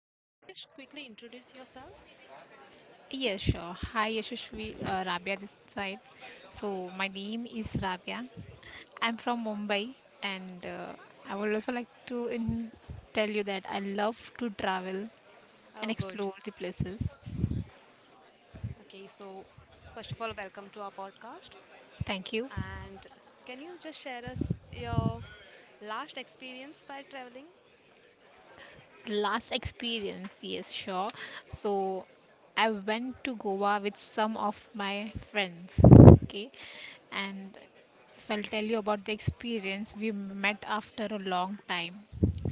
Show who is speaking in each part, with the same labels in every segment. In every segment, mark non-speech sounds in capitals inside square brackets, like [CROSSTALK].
Speaker 1: So, can you just quickly introduce yourself?
Speaker 2: Yes, sure. Hi, Yashashvi. Rabia this side. So, my name is Rabia. I'm from Mumbai, and I would also like to tell you that I love to travel and
Speaker 1: Oh, good.
Speaker 2: explore the places.
Speaker 1: Okay, so first of all, welcome to our podcast.
Speaker 2: Thank you.
Speaker 1: And can you just share us your last experience by traveling?
Speaker 2: Last experience, yes, sure. So I went to Goa with some of my friends. Okay. And if I'll tell you about the experience, we met after a long time.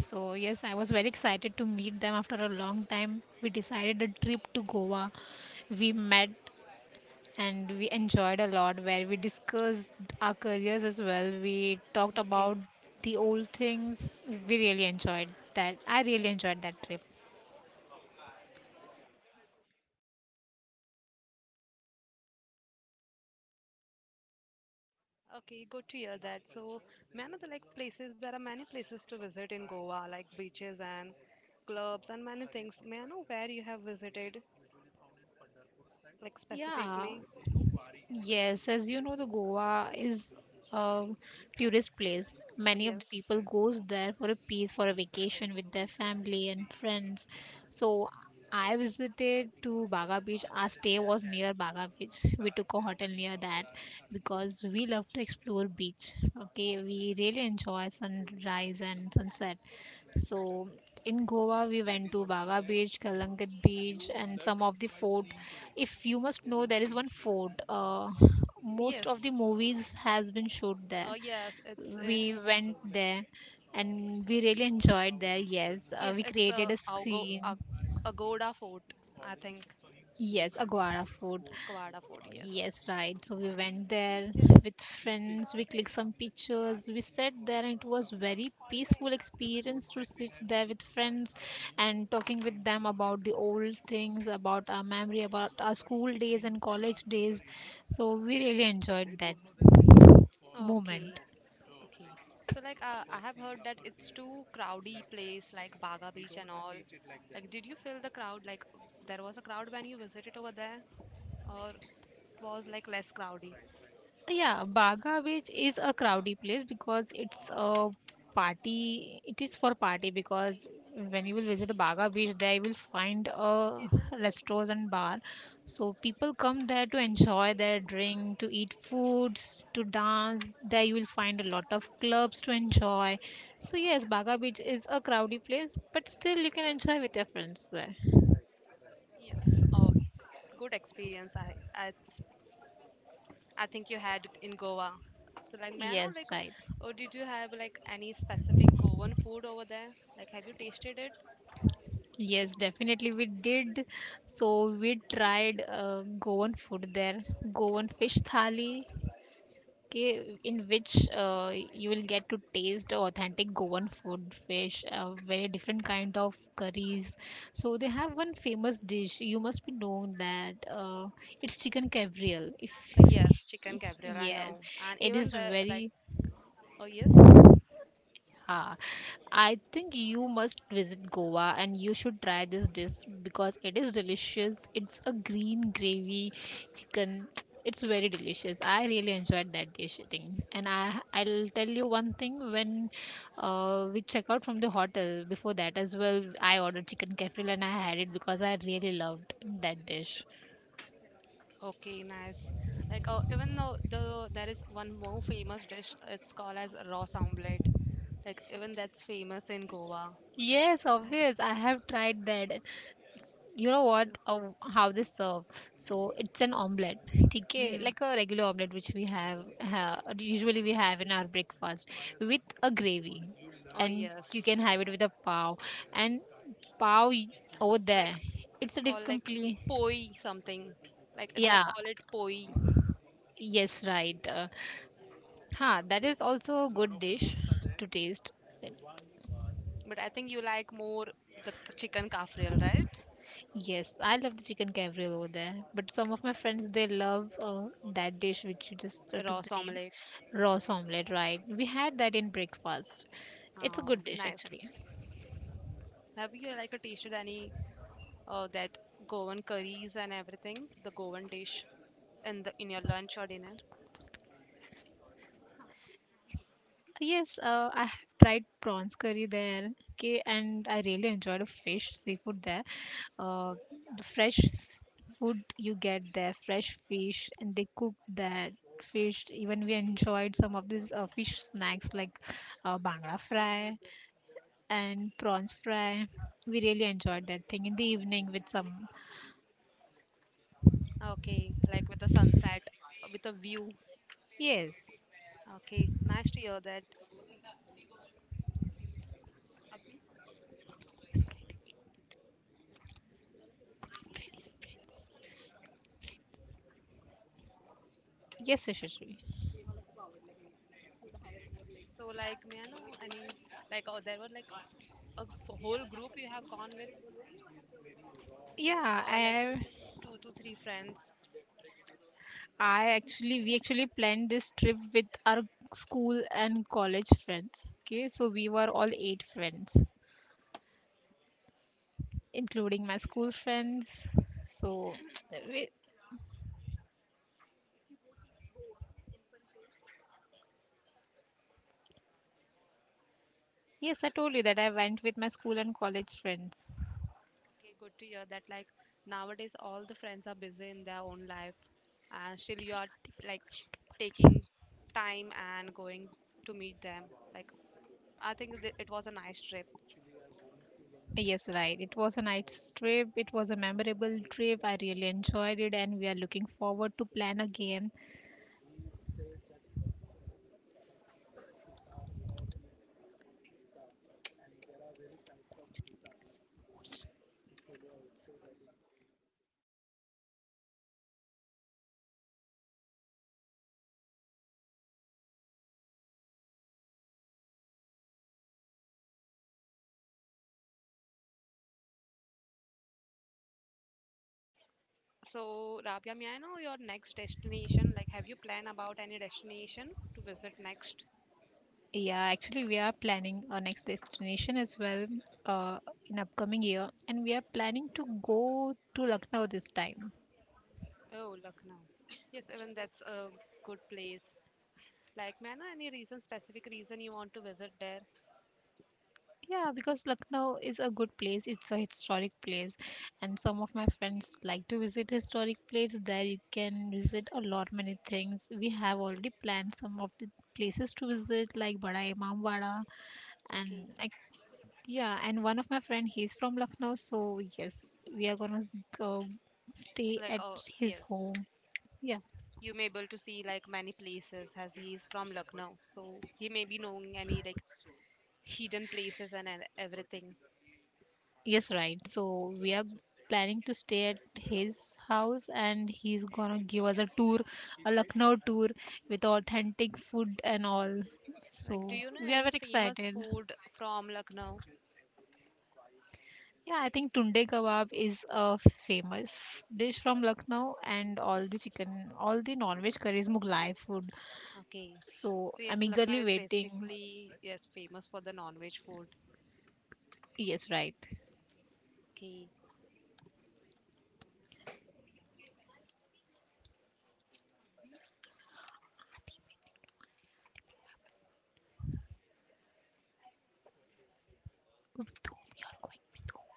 Speaker 2: So yes, I was very excited to meet them. After a long time we decided a trip to Goa. We met and we enjoyed a lot, where we discussed our careers as well. We talked about
Speaker 1: Okay.
Speaker 2: the old things. We really enjoyed that. I really enjoyed that trip.
Speaker 1: Okay, good to hear that. So, man of the like places, there are many places to visit in Goa, like beaches and clubs and many things. May I know where you have visited, like
Speaker 2: Yeah.
Speaker 1: specifically?
Speaker 2: Yes, as you know, the Goa is a tourist place.
Speaker 1: Oh,
Speaker 2: Many of the
Speaker 1: yes.
Speaker 2: people goes there for a peace, for a vacation with their family and friends. So I visited to Baga Beach. Our stay was near Baga Beach. We took a hotel near that because we love to explore beach. Okay, we really enjoy sunrise and sunset. So in Goa, we went to Baga Beach, Kalangat Beach, and some of the fort. If you must know, there is one fort, most of the movies has been shot there.
Speaker 1: Oh, yes. It's yes.
Speaker 2: We
Speaker 1: in.
Speaker 2: went there and we really enjoyed there. Yes,
Speaker 1: Tabla
Speaker 2: we
Speaker 1: it's a
Speaker 2: created
Speaker 1: and
Speaker 2: a
Speaker 1: Algo, later Ag
Speaker 2: scene.
Speaker 1: Agoda Fort,
Speaker 2: Yes, Aguada Fort.
Speaker 1: Kawada a
Speaker 2: Yes, right. So we went there
Speaker 1: Yes.
Speaker 2: with
Speaker 1: And
Speaker 2: friends, we clicked some pictures, we sat there and it was very peaceful experience to sit there with friends and talking with them about the old things, about our memory, about our school days and college days. So we really enjoyed that moment.
Speaker 1: Okay. Okay. Like so like a I have heard that per it's day. Too crowdy place like Baga Beach and all. Like did you feel the crowd like there was a crowd when you visited over there or it was like less crowdy? Right.
Speaker 2: Yeah, Baga Beach is a crowded place because it's a party. It is for party, because when you will visit Baga Beach, there you will find a restaurants and bar. So people come there to enjoy their drink, to eat foods, to dance. There you will find a lot of clubs to enjoy. So yes, Baga Beach is a crowded place, but still you can enjoy with your friends there.
Speaker 1: Yes. Oh, good experience I, I think you had it in Goa. So like may I know
Speaker 2: Yes,
Speaker 1: like
Speaker 2: right.
Speaker 1: or did you have like any specific Goan food over there? Like have you tasted it?
Speaker 2: Yes, definitely we did. So we tried Goan food there, Goan fish thali, okay, in which you will get to taste authentic Goan food, fish, very different kind of curries. So they have one famous dish. You must be knowing that, it's chicken cabriel. If
Speaker 1: Yes, chicken caviar, I
Speaker 2: yes,
Speaker 1: know. And
Speaker 2: it
Speaker 1: even
Speaker 2: is
Speaker 1: the like
Speaker 2: very
Speaker 1: oh yes.
Speaker 2: Ah, I think you must visit Goa and you should try this dish because it is delicious. It's a green gravy chicken. [TSK] It's very delicious. I really enjoyed that dish eating. And I'll tell you one thing. When we check out from the hotel, before that as well, I ordered chicken kefir and I had it because I really loved that dish.
Speaker 1: Okay, nice. Like oh, even though there is one more famous dish, it's called as ross omelette. Like even that's famous in Goa.
Speaker 2: Yes,
Speaker 1: Ah,
Speaker 2: obvious. I have tried that. You know
Speaker 1: yeah.
Speaker 2: what, how this serve. So it's an omelette, okay,
Speaker 1: Mm.
Speaker 2: like a regular omelette which we have, usually we have in our breakfast, with a gravy,
Speaker 1: Oh
Speaker 2: and you
Speaker 1: yes.
Speaker 2: can have it with a pav, and pav y- over there
Speaker 1: Like
Speaker 2: it's
Speaker 1: it's
Speaker 2: a
Speaker 1: called like
Speaker 2: completely—
Speaker 1: poi something. Like yes they
Speaker 2: Yeah,
Speaker 1: call it poi,
Speaker 2: yes, right. Huh, that is also a good dish to taste.
Speaker 1: but I think you like more the chicken kafriel, right?
Speaker 2: Yes, I love the chicken Gabriel over there. But some of my friends they love that dish which you just took the
Speaker 1: Ross
Speaker 2: name,
Speaker 1: omelette.
Speaker 2: roast omelette. Right? We had that in breakfast. It's a
Speaker 1: Oh,
Speaker 2: good dish actually.
Speaker 1: nice. Have you like a tasted any that Goan curries and everything, the Goan dish in your lunch or dinner?
Speaker 2: Yes, I have tried prawns curry there. Okay, and I really enjoyed the fish seafood there. Uh, the fresh food you get there, fresh fish, and they cook that fish. Even we enjoyed some of these fish snacks like bangla fry and prawns fry. We really enjoyed that thing in the evening with some.
Speaker 1: Okay, like with the sunset, with a view.
Speaker 2: Yes,
Speaker 1: Okay, nice to hear that. Abhi?
Speaker 2: yes, Yashasvi.
Speaker 1: So like, may I know any like oh, there were like whole group you have gone with
Speaker 2: Yeah,
Speaker 1: or like
Speaker 2: I,
Speaker 1: two to three friends.
Speaker 2: I actually, we actually planned this trip with our school and college friends. Okay, so we were all eight friends, including my school friends. So, [TSK] we, yes, I told you that I went with my school and college friends.
Speaker 1: Okay, good to hear that. Like nowadays, all the friends are busy in their own life, and still you are like taking time and going to meet them. Like, I think it was a nice trip.
Speaker 2: Yes, right. It was a nice trip. It was a memorable trip. I really enjoyed it, and we are looking forward to plan again.
Speaker 1: So, Rabia, may I know your next destination? Like, have you planned about any destination to visit next?
Speaker 2: Yeah, actually, we are planning our next destination as well, uh, in upcoming year, and we are planning to go to Lucknow this time.
Speaker 1: Oh, Lucknow. Yes, even that's a good place. Like, may I know any reason, specific reason you want to visit there?
Speaker 2: Yeah, because Lucknow is a good place. It's a historic place, and some of my friends like to visit historic place. There you can visit a lot many things. We have already planned some of the places to visit, like Bada Imam Wada and—
Speaker 1: Okay.
Speaker 2: Yeah, and one of my friend, he's from Lucknow, so yes, we are gonna go stay
Speaker 1: Like,
Speaker 2: at
Speaker 1: oh,
Speaker 2: his
Speaker 1: yes,
Speaker 2: home. Yeah,
Speaker 1: you may able to see like many places as he is from Lucknow. So he may be knowing any like hidden places and everything.
Speaker 2: yes, right. So we are planning to stay at his house, and he's gonna give us a tour, a Lucknow tour with authentic food and all.
Speaker 1: Like, do
Speaker 2: So
Speaker 1: you know
Speaker 2: we are
Speaker 1: any
Speaker 2: very
Speaker 1: famous
Speaker 2: excited.
Speaker 1: food from Lucknow?
Speaker 2: Yeah, I think tunde kebab is a famous dish from Lucknow, and all the chicken, all the non-veg curries, Mughlai food.
Speaker 1: Okay.
Speaker 2: So
Speaker 1: So
Speaker 2: I'm
Speaker 1: yes, Lucknow
Speaker 2: eagerly
Speaker 1: is
Speaker 2: waiting.
Speaker 1: basically yes famous for the non-veg food.
Speaker 2: Yes, right.
Speaker 1: Okay.
Speaker 2: With whom you're going, with whom?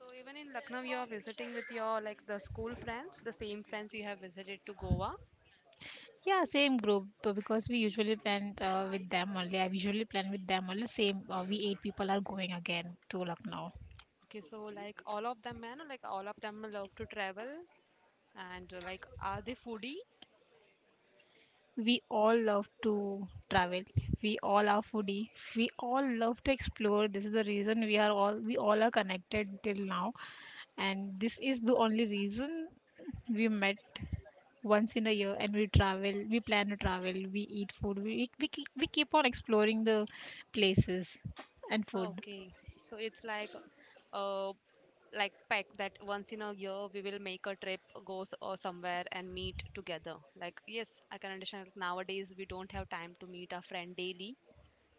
Speaker 1: So even in Lucknow, you are visiting with your like the school friends, the same friends you have visited to Goa.
Speaker 2: Yeah, same group, because we usually plan with them only. I usually plan with them only. Same, we eight people are going again to Lucknow.
Speaker 1: Okay, so like all of them, man, like all of them love to travel, and like are they foodie?
Speaker 2: We all love to travel, we all are foodie, we all love to explore. This is the reason we all are connected till now, and this is the only reason we met once in a year, and we travel, we plan to travel, we eat food, we keep on exploring the places and food.
Speaker 1: Okay, so it's uh, like pack that once in a year we will make a trip, or somewhere and meet together. Like yes, I can understand. Like, nowadays we don't have time to meet our friend daily,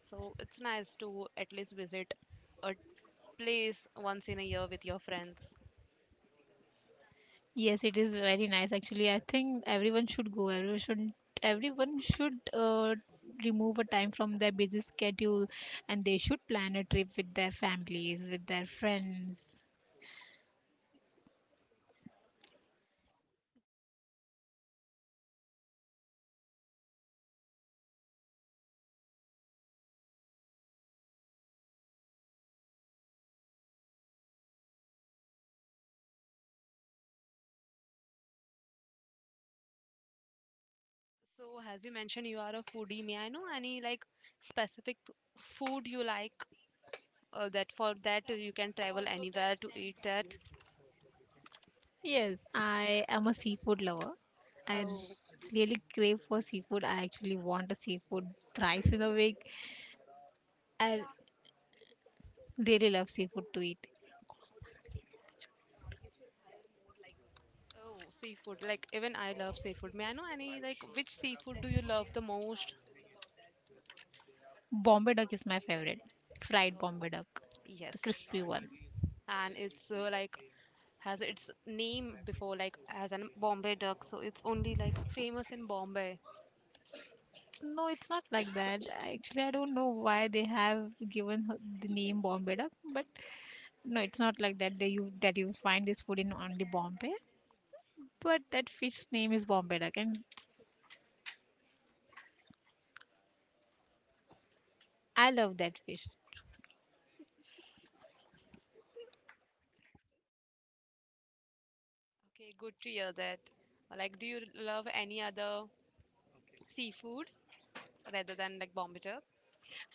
Speaker 1: so it's nice to at least visit a place once in a year with your friends.
Speaker 2: Yes, it is very nice. Actually, I think everyone should go. Everyone should remove a time from their busy schedule, and they should plan a trip with their families, with their friends.
Speaker 1: So, as you mentioned, you are a foodie. May I know any like specific food you like that for that you can travel anywhere to eat that?
Speaker 2: Yes, I am a seafood lover. I
Speaker 1: Oh,
Speaker 2: really crave for seafood. I actually want a seafood thrice in a week. I really love seafood to eat.
Speaker 1: oh, seafood. Like even I love seafood. May I know any like which seafood do you love the most?
Speaker 2: Bombay duck is my favorite. Fried
Speaker 1: Oh,
Speaker 2: Bombay duck, the
Speaker 1: yes.
Speaker 2: crispy one.
Speaker 1: And it's like has its name before like as an Bombay duck, so it's only like famous in Bombay.
Speaker 2: No, it's not like that. Actually, I don't know why they have given her the name Bombay Duck, but no, it's not like that. They you that you find this food in only Bombay, but that fish name is Bombay Duck, and I love that fish.
Speaker 1: Okay, good to hear that. Like, do you love any other seafood? Rather than like bomb it up.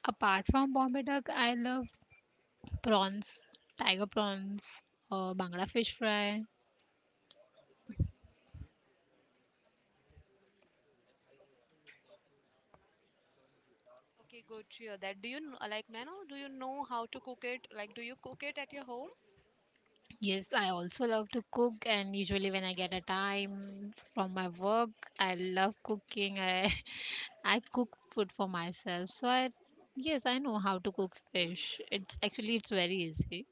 Speaker 2: Apart from Bombay Duck, I love prawns, tiger prawns, Bangla fish fry.
Speaker 1: Okay, good to hear that. Do you like, Nano, do you know how to cook it? Like, do you cook it at your home?
Speaker 2: Yes, I also love to cook, and usually when I get a time from my work, I love cooking. I [LAUGHS] I cook food for myself, so I yes, I know how to cook fish. It's very easy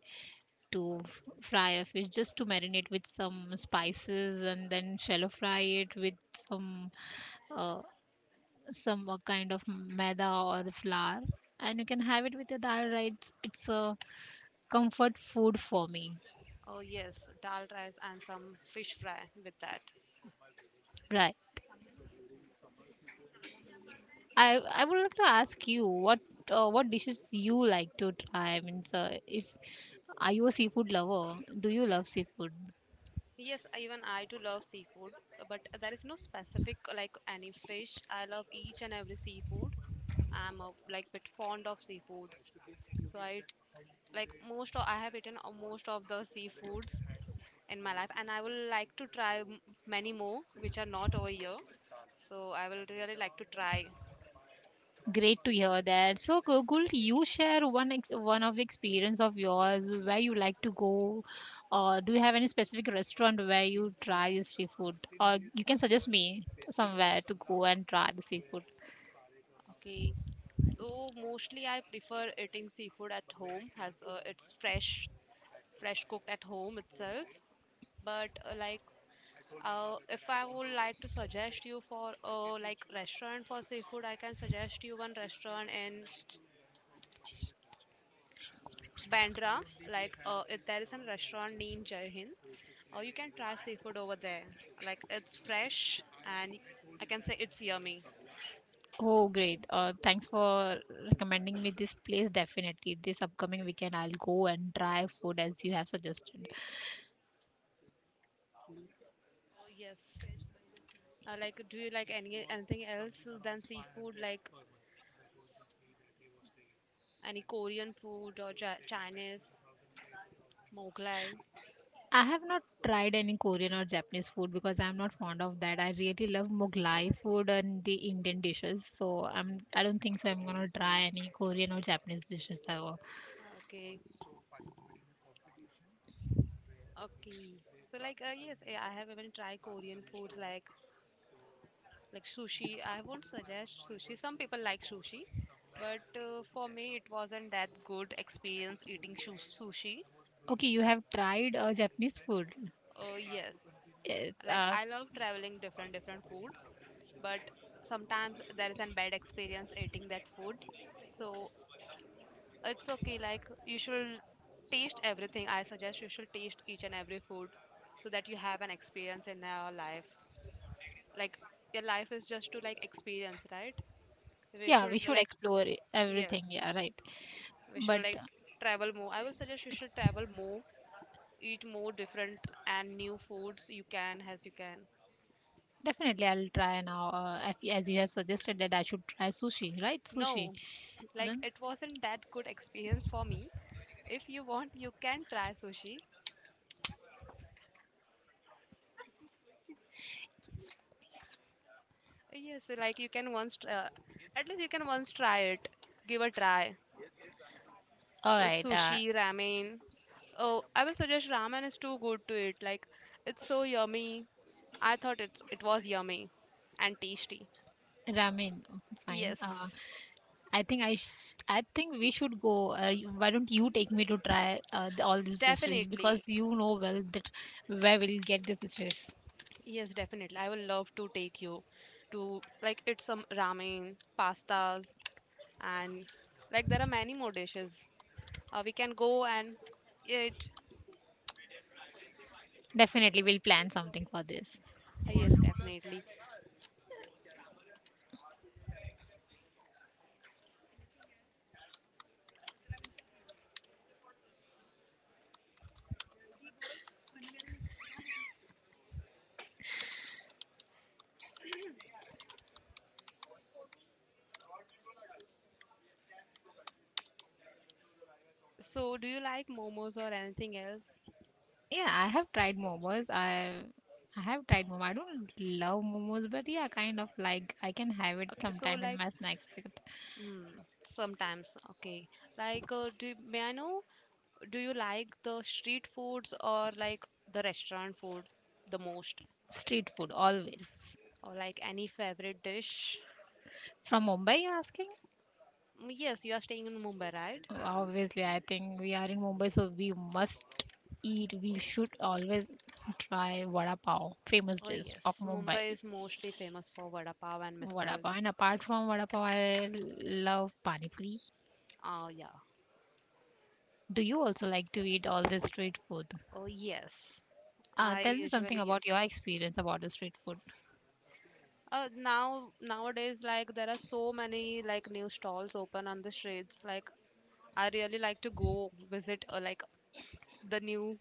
Speaker 2: to fry a fish, just to marinate with some spices and then shallow fry it with some, uh, kind of maida or flour, and you can have it with your dal. Right, it's a comfort food for me.
Speaker 1: Oh, yes, dal rice and some fish fry with that.
Speaker 2: Right. I would like to ask you what, what dishes you like to try. I mean, so if— are you a seafood lover? Do you love seafood?
Speaker 1: Yes, even I do love seafood, but there is no specific like any fish. I love each and every seafood. I'm a, like bit fond of seafoods, so I eat like most of I have eaten most of the seafoods in my life, and I will like to try many more which are not over here, so I will really like to try.
Speaker 2: Great to hear that. So, Gokul, you share one ex one of the experience of yours where you like to go, or do you have any specific restaurant where you try this seafood, or you can suggest me somewhere to go and try the seafood.
Speaker 1: Okay, so mostly I prefer eating seafood at home as it's fresh cooked at home itself, but like if I would like to suggest you for like restaurant for seafood, I can suggest you one restaurant in Bandra, like there is a restaurant named Jai Hind. You can try seafood over there. Like it's fresh, and I can say it's yummy.
Speaker 2: Oh, great. Thanks for recommending me this place. Definitely, this upcoming weekend, I'll go and try food as you have suggested.
Speaker 1: Oh yes. Like do you like anything else than seafood? Like any Korean food or ja Chinese, Mughlai?
Speaker 2: I have not tried any Korean or Japanese food because I'm not fond of that. I really love Mughlai food and the Indian dishes, so I don't think so. I'm gonna try any Korean or Japanese dishes ever.
Speaker 1: Okay, okay. So like yes, I have even tried Korean food like. Like sushi, I won't suggest sushi. Some people like sushi, but for me, it wasn't that good experience eating sushi.
Speaker 2: Okay, you have tried Japanese food.
Speaker 1: Yes,
Speaker 2: Yes.
Speaker 1: like I love traveling different foods, but sometimes there is a bad experience eating that food. So it's okay. Like you should taste everything. I suggest you should taste each and every food so that you have an experience in your life. Like your life is just to like experience, right? We
Speaker 2: Yeah,
Speaker 1: should
Speaker 2: we should
Speaker 1: like
Speaker 2: explore everything.
Speaker 1: yes.
Speaker 2: Yeah, right.
Speaker 1: We
Speaker 2: But—
Speaker 1: should like travel more, I will suggest you should travel more, eat more different and new foods you can as you can.
Speaker 2: definitely, I'll try now. If, as you have suggested that I should try sushi, right? Sushi.
Speaker 1: No, like
Speaker 2: Then,
Speaker 1: it wasn't that good experience for me. If you want you can try sushi, yes like you can once at least you can once try it, give a try.
Speaker 2: all right.
Speaker 1: Sushi ramen oh I will suggest ramen is too good to eat, like it's so yummy, I thought it was yummy and tasty.
Speaker 2: Ramen. Fine.
Speaker 1: Yes
Speaker 2: I think I think we should go. Why don't you take me to try all these dishes
Speaker 1: definitely.
Speaker 2: because you know well that where we'll get these dishes.
Speaker 1: Yes, definitely. I would love to take you to like eat some ramen, pastas, and like there are many more dishes. We can go and eat.
Speaker 2: Definitely, we'll plan something for this.
Speaker 1: Yes, definitely. So, do you like momos or anything else?
Speaker 2: Yeah, I have tried momos. I have tried momos. I don't love momos, but yeah, kind of like I can have it
Speaker 1: Okay, so
Speaker 2: sometime in
Speaker 1: like
Speaker 2: my snacks.
Speaker 1: hmm, sometimes. Okay, like do may I know? Do you like the street foods or like the restaurant food the most,
Speaker 2: Street food, always.
Speaker 1: or like any favorite dish?
Speaker 2: From Mumbai, you're asking?
Speaker 1: Mm, yes, you are staying in Mumbai, right?
Speaker 2: Obviously, I think we are in Mumbai, so we must eat. We should always try vada pav, famous
Speaker 1: Oh
Speaker 2: dish of
Speaker 1: yes,
Speaker 2: Mumbai.
Speaker 1: Mumbai is mostly famous for vada pav and
Speaker 2: Vada pav.
Speaker 1: misals.
Speaker 2: And apart from vada pav, I love pani puri.
Speaker 1: Oh yeah.
Speaker 2: Do you also like to eat all this street food?
Speaker 1: Oh yes.
Speaker 2: Tell
Speaker 1: I
Speaker 2: me something
Speaker 1: usually
Speaker 2: about your
Speaker 1: yes.
Speaker 2: experience about the street food.
Speaker 1: Nowadays like there are so many like new stalls open on the streets. Like I really like to go visit like the new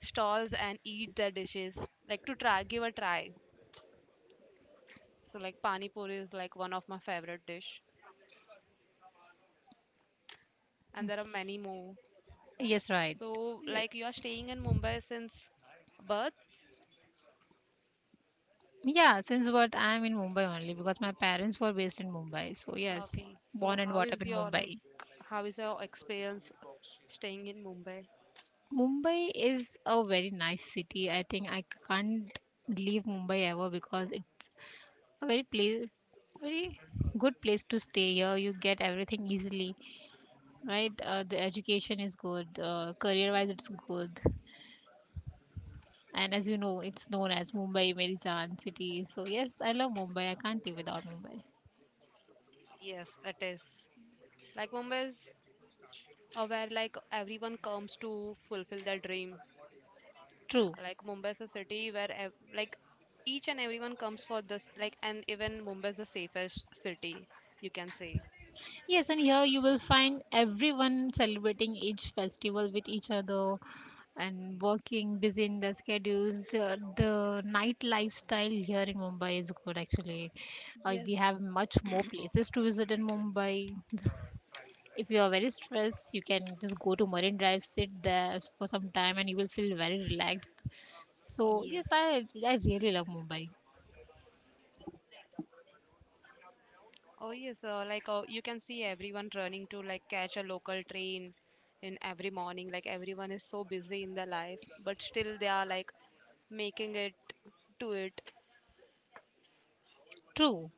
Speaker 1: stalls and eat their dishes. Like to try give a try. So like pani puri is like one of my favorite dish, and there are many more.
Speaker 2: Yes, right.
Speaker 1: So
Speaker 2: Ye-
Speaker 1: like you are staying in Mumbai since birth?
Speaker 2: Yeah, since what I'm in Mumbai only because my parents were based in Mumbai. So yes,
Speaker 1: Okay, so
Speaker 2: born and brought up in Mumbai.
Speaker 1: how is your experience staying in Mumbai?
Speaker 2: Mumbai is a very nice city. I think I can't leave Mumbai ever because it's a very place, very good place to stay here. You get everything easily, right? The education is good. Career-wise, it's good. And as you know, it's known as Mumbai Meri Jaan city. So yes, I love Mumbai. I can't live without Mumbai.
Speaker 1: Oh yes, it is. Like Mumbai is where like everyone comes to fulfill their dream.
Speaker 2: True.
Speaker 1: Like Mumbai is a city where ev like each and everyone comes for this like, and even Mumbai is the safest city you can say.
Speaker 2: Yes, and here you will find everyone celebrating each festival with each other and working, busy in their schedules. The night lifestyle here in Mumbai is good actually. We
Speaker 1: Yes,
Speaker 2: have much more places to visit in Mumbai. If you are very stressed, you can just go to Marine Drive, for some time, and you will feel very relaxed. So, yes,
Speaker 1: Yes.
Speaker 2: I really love Mumbai.
Speaker 1: Oh yes, like you can see everyone running to like catch a local train in every morning. Like everyone is so busy in their life, but still they are like making it to it.
Speaker 2: True.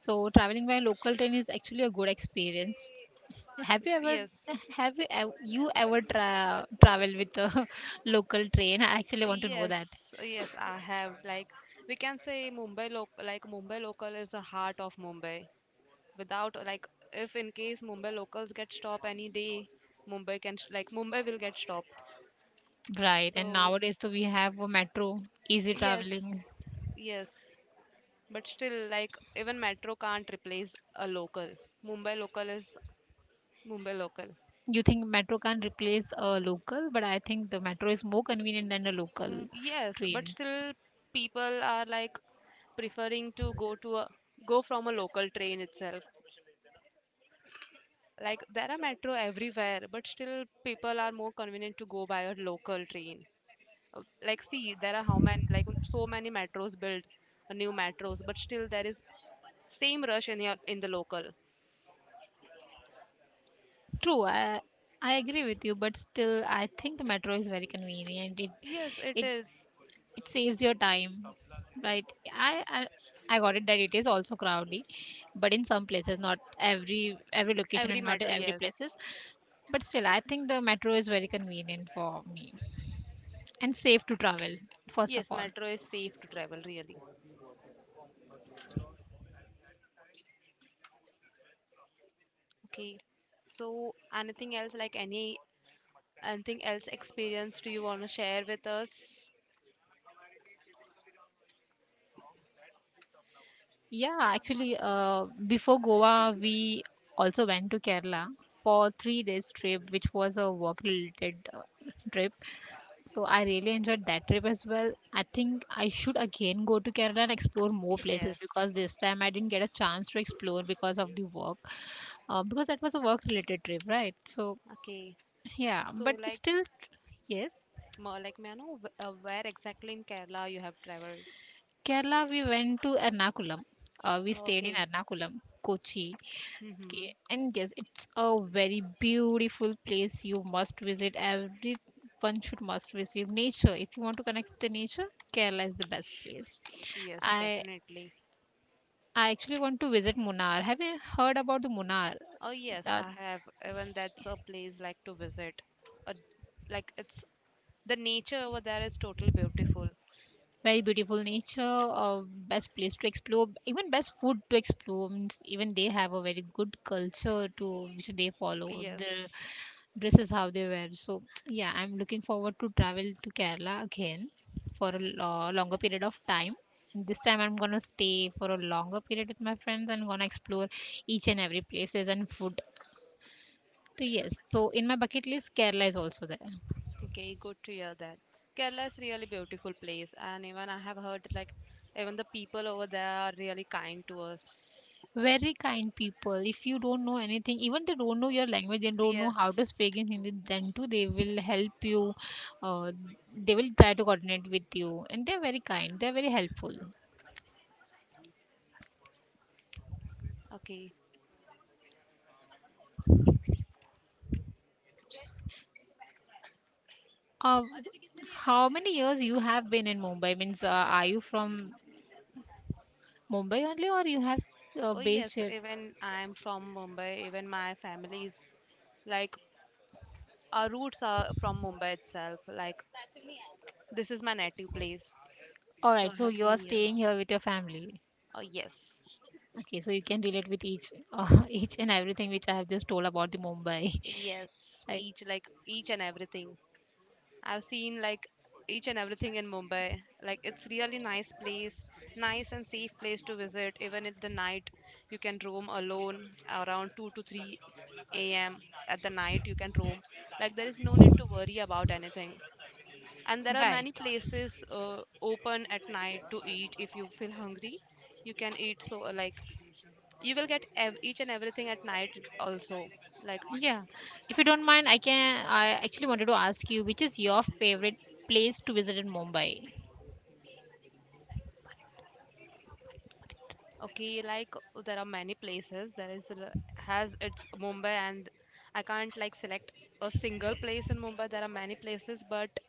Speaker 2: So, traveling by local train is actually a good experience. Have you ever
Speaker 1: Yes,
Speaker 2: have you ev- you ever tra- travel with a [LAUGHS] local train? I actually want to know
Speaker 1: yes,
Speaker 2: that.
Speaker 1: yes. I have like we can say Mumbai loc like Mumbai local is the heart of Mumbai. Without like, if in case Mumbai locals get stopped any day, like Mumbai will get stopped.
Speaker 2: Right, and
Speaker 1: So
Speaker 2: nowadays too we have a metro, easy
Speaker 1: yes,
Speaker 2: traveling.
Speaker 1: yes. But still, like even metro can't replace a local. Mumbai local is Mumbai local.
Speaker 2: You think metro can't replace a local, but I think the metro is more convenient than the local
Speaker 1: Mm, yes, but
Speaker 2: trains.
Speaker 1: still people are like preferring to go from a local train itself. Like there are metro everywhere, but still people are more convenient to go by a local train. Like see, there are how many like so many metros built, new metros, but still there is same rush in the local.
Speaker 2: True, I agree with you, but still I think the metro is very convenient.
Speaker 1: Yes, it
Speaker 2: It
Speaker 1: is
Speaker 2: it saves your time, right? I, I I got it that it is also crowded, but in some places, not every location
Speaker 1: every
Speaker 2: and not
Speaker 1: metro.
Speaker 2: every
Speaker 1: Yes.
Speaker 2: places, but still I think the metro is very convenient for me and safe to travel, first of
Speaker 1: Yes,
Speaker 2: all.
Speaker 1: metro is safe to travel really. Okay. So anything else like anything else experience do you want to share with us?
Speaker 2: Yeah, actually, before Goa, we also went to Kerala for 3 days trip, which was a work-related trip. So I really enjoyed that trip as well. I think I should again go to Kerala and explore more places
Speaker 1: Yes.
Speaker 2: because this time I didn't get a chance to explore because of the work. Because that was a work-related trip, right? So
Speaker 1: Okay.
Speaker 2: yeah,
Speaker 1: So
Speaker 2: but we
Speaker 1: like
Speaker 2: still yes,
Speaker 1: more like may I know where exactly in Kerala you have traveled?
Speaker 2: Kerala. We went to Ernakulam. We
Speaker 1: Oh,
Speaker 2: stayed in
Speaker 1: okay.
Speaker 2: Ernakulam, Kochi.
Speaker 1: Mm-hmm.
Speaker 2: Okay, and yes, it's a very beautiful place you must visit. Everyone should must visit nature. If you want to connect with the nature, Kerala is the best place.
Speaker 1: Yes,
Speaker 2: I
Speaker 1: definitely.
Speaker 2: I actually want to visit Munnar. Have you heard about the Munnar?
Speaker 1: Oh yes,
Speaker 2: Uh,
Speaker 1: I have. Even that's a place like to visit. Uh, like it's the nature over there is totally beautiful.
Speaker 2: very beautiful nature, uh, best place to explore, even best food to explore means even they have a very good culture to which they follow their
Speaker 1: Yes.
Speaker 2: dresses, how they wear. So yeah, I'm looking forward to travel to Kerala again for a longer period of time, and this time I'm gonna stay for a longer period with my friends and gonna explore each and every places and food. So yes, so in my bucket list Kerala is also there.
Speaker 1: Okay, good to hear that. Kerala is really beautiful place, and even I have heard like even the people over there are really kind to us.
Speaker 2: Very kind people. If you don't know anything, even they don't know your language. They don't know how to
Speaker 1: Yes.
Speaker 2: speak in Hindi, then too they will help you. Uh, they will try to coordinate with you and they're very kind, they're very helpful.
Speaker 1: Okay.
Speaker 2: Uh, how many years you have been in Mumbai means, are you from Mumbai only or you have,
Speaker 1: Oh
Speaker 2: based
Speaker 1: yes,
Speaker 2: here?
Speaker 1: even I'm from Mumbai. Even my family is like our roots are from Mumbai itself. Like this is my native place,
Speaker 2: All
Speaker 1: so
Speaker 2: right,
Speaker 1: I
Speaker 2: so
Speaker 1: have
Speaker 2: you are
Speaker 1: been here.
Speaker 2: staying here with your family.
Speaker 1: Oh yes,
Speaker 2: Okay, so you can relate with each [LAUGHS] each and everything which I have just told about the Mumbai.
Speaker 1: yes.
Speaker 2: [LAUGHS] Right,
Speaker 1: Each like each and everything. I've seen like each and everything in Mumbai. Like it's really nice place, nice and safe place to visit. Even at the night, you can roam alone around 2 to 3 a.m. At the night, you can roam. Like there is no need to worry about anything. And there are
Speaker 2: right.
Speaker 1: many places open at night to eat if you feel hungry. You can eat so like you will get each and everything at night also. Like
Speaker 2: Yeah. If you don't mind, I actually wanted to ask you which is your favorite place to visit in Mumbai?
Speaker 1: okay, like there are many places. Has its Mumbai, and I can't like select a single place in Mumbai. There are many places, but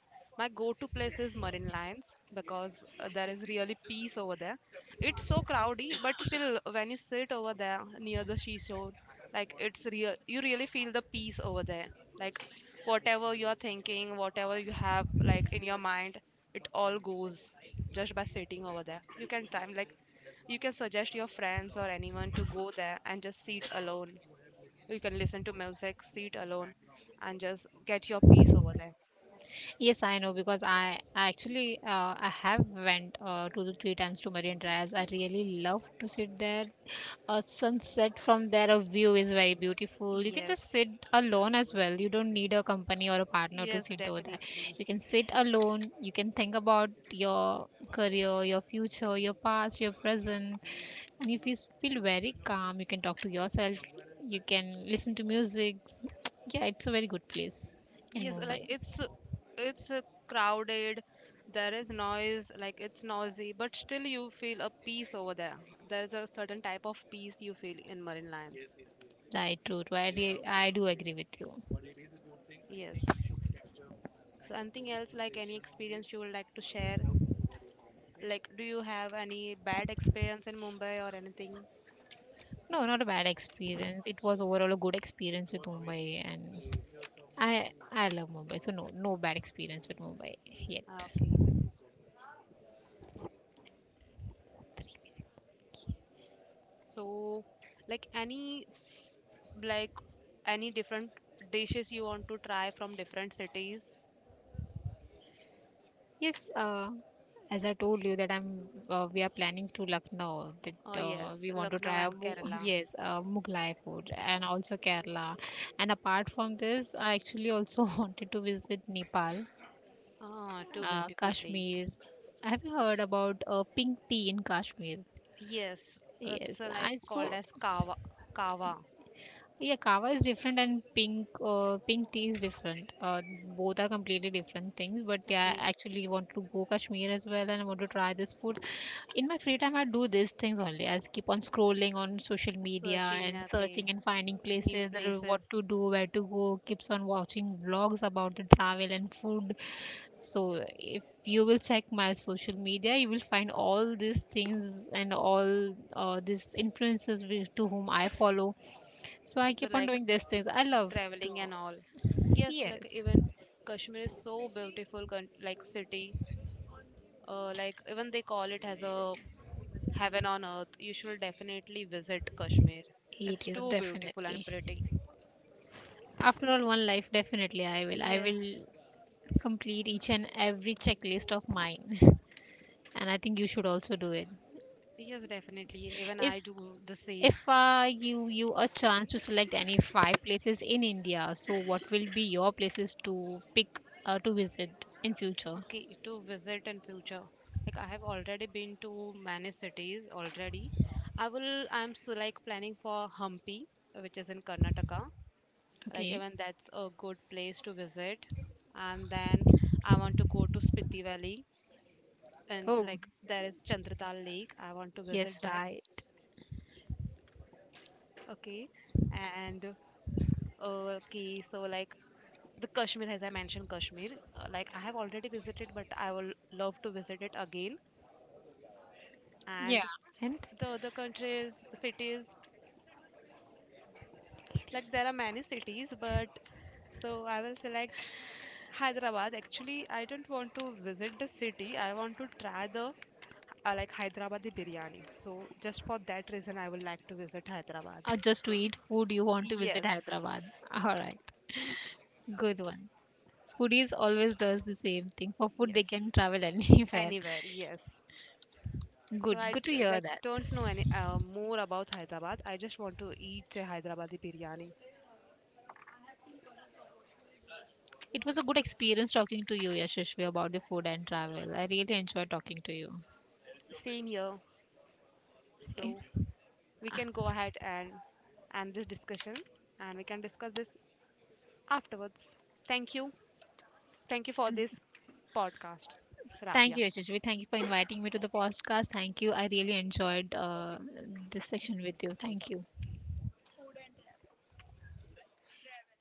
Speaker 1: my go-to place is Marine Lines because there is really peace over there. It's so crowdy, but still, when you sit over there near the seashore, like it's real. You really feel the peace over there. Like whatever you are thinking, whatever you have like in your mind, it all goes just by sitting over there. You can try like you can suggest your friends or anyone to go there and just sit alone. You can listen to music, sit alone, and just get your peace over there.
Speaker 2: Yes, I know because I actually, I have went, 2 to 3 times to Marine Drive. I really love to sit there. A sunset from there, a view is very beautiful. You can just
Speaker 1: Yes,
Speaker 2: sit alone as well. You don't need a company or a partner to
Speaker 1: yes,
Speaker 2: sit over there.
Speaker 1: definitely.
Speaker 2: You can sit alone. You can think about your career, your future, your past, your present, and if you s- feel very calm, you can talk to yourself. You can listen to music. [TSK] Yeah, it's a very good place in
Speaker 1: Yes, like
Speaker 2: Mumbai.
Speaker 1: it's crowded. There is noise, like it's noisy, but still you feel a peace over there. There is a certain type of peace you feel in marine lions.
Speaker 2: Right, true, true. I do agree with you.
Speaker 1: Yes. So and anything else like yes, any conversation on experience you would like to I would share? In Mumbai. Like, do you have any bad experience in Mumbai or anything?
Speaker 2: No, not a bad experience. It was overall a good experience with Mumbai, and I love Mumbai. So no, no bad experience with Mumbai yet.
Speaker 1: Ah, okay. So, like any f- like any different dishes you want to try from different cities?
Speaker 2: Yes, as I told you that I'm, we are planning to Lucknow.
Speaker 1: Oh
Speaker 2: That
Speaker 1: yes,
Speaker 2: we want to
Speaker 1: Lucknow
Speaker 2: try a
Speaker 1: and Kerala.
Speaker 2: Yes, Mughlai food and also Kerala. And apart from this, I actually also [LAUGHS] wanted to visit Nepal,
Speaker 1: Ah, two beautiful place.
Speaker 2: Kashmir. Have you heard about pink tea in Kashmir?
Speaker 1: Yes, it's
Speaker 2: Yes,
Speaker 1: like
Speaker 2: I
Speaker 1: called
Speaker 2: saw.
Speaker 1: as Kava. Kava.
Speaker 2: Yeah, kava is different and pink, pink tea is different. Both are completely different things. But yeah,
Speaker 1: Okay.
Speaker 2: I actually want to go Kashmir as well, and I want to try this food. In my free time I do these things only. I keep on scrolling on social media
Speaker 1: Searching
Speaker 2: and
Speaker 1: okay,
Speaker 2: searching and finding
Speaker 1: new
Speaker 2: places that are what
Speaker 1: places.
Speaker 2: to do, where to go, keeps on watching vlogs about the travel and food. So if you will check my social media you will find all these things and all, these influences to whom I follow. So I
Speaker 1: So
Speaker 2: keep on
Speaker 1: like
Speaker 2: doing these things. I love to.
Speaker 1: traveling and all. Yes, like
Speaker 2: Yes
Speaker 1: even Kashmir is so beautiful like city. Like even they call it as a heaven on earth, you should definitely visit Kashmir.
Speaker 2: it
Speaker 1: It's
Speaker 2: is
Speaker 1: too beautiful and
Speaker 2: definitely.
Speaker 1: pretty.
Speaker 2: After all one life, definitely I will
Speaker 1: Yes
Speaker 2: complete each and every checklist of mine. [LAUGHS] And I think you should also do it.
Speaker 1: yes definitely, even I
Speaker 2: if
Speaker 1: do the same.
Speaker 2: if, you you a chance to select any 5 places in India, so what will be your places to pick, to visit in future?
Speaker 1: Okay, to visit in future. Like I have already been to many cities already. I'm so like planning for Hampi, which is in Karnataka. Like
Speaker 2: Okay.
Speaker 1: even that's a good place to visit. And then I want to go to Spiti Valley, and
Speaker 2: Oh
Speaker 1: like there is Chandratal Lake. I want to
Speaker 2: yes,
Speaker 1: visit there.
Speaker 2: right.
Speaker 1: Okay. And okay, so like the Kashmir, as I mentioned, Kashmir. Like I have already visited, but I will love to visit it again. And
Speaker 2: Yeah, and
Speaker 1: the other countries cities, like there are many cities but so I will select Hyderabad, actually I don't want to visit the city, I want to try the like Hyderabadi biryani, so just for that reason I would like to visit Hyderabad.
Speaker 2: just to eat food you want to visit
Speaker 1: Yes
Speaker 2: Hyderabad? [LAUGHS] All right, good one. Foodies always does the same thing. For food they can
Speaker 1: yes
Speaker 2: travel [LAUGHS] anywhere.
Speaker 1: anywhere yes. So
Speaker 2: Good, good to hear
Speaker 1: like
Speaker 2: that.
Speaker 1: don't know any more about Hyderabad, I just want to eat a Hyderabadi biryani.
Speaker 2: It was a good experience talking to you, Yashashvi, about the food and travel. I really enjoyed talking to you.
Speaker 1: Same here.
Speaker 2: Okay.
Speaker 1: So we can go ahead and end this discussion, and we can discuss this afterwards. Thank you. Thank you for this podcast,
Speaker 2: Thank
Speaker 1: Rabia.
Speaker 2: you, Yashashvi. Thank you for inviting me to the podcast. Thank you. I really enjoyed this section with you. Thank you.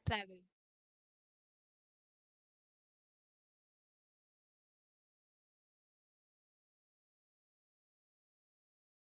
Speaker 2: Travel.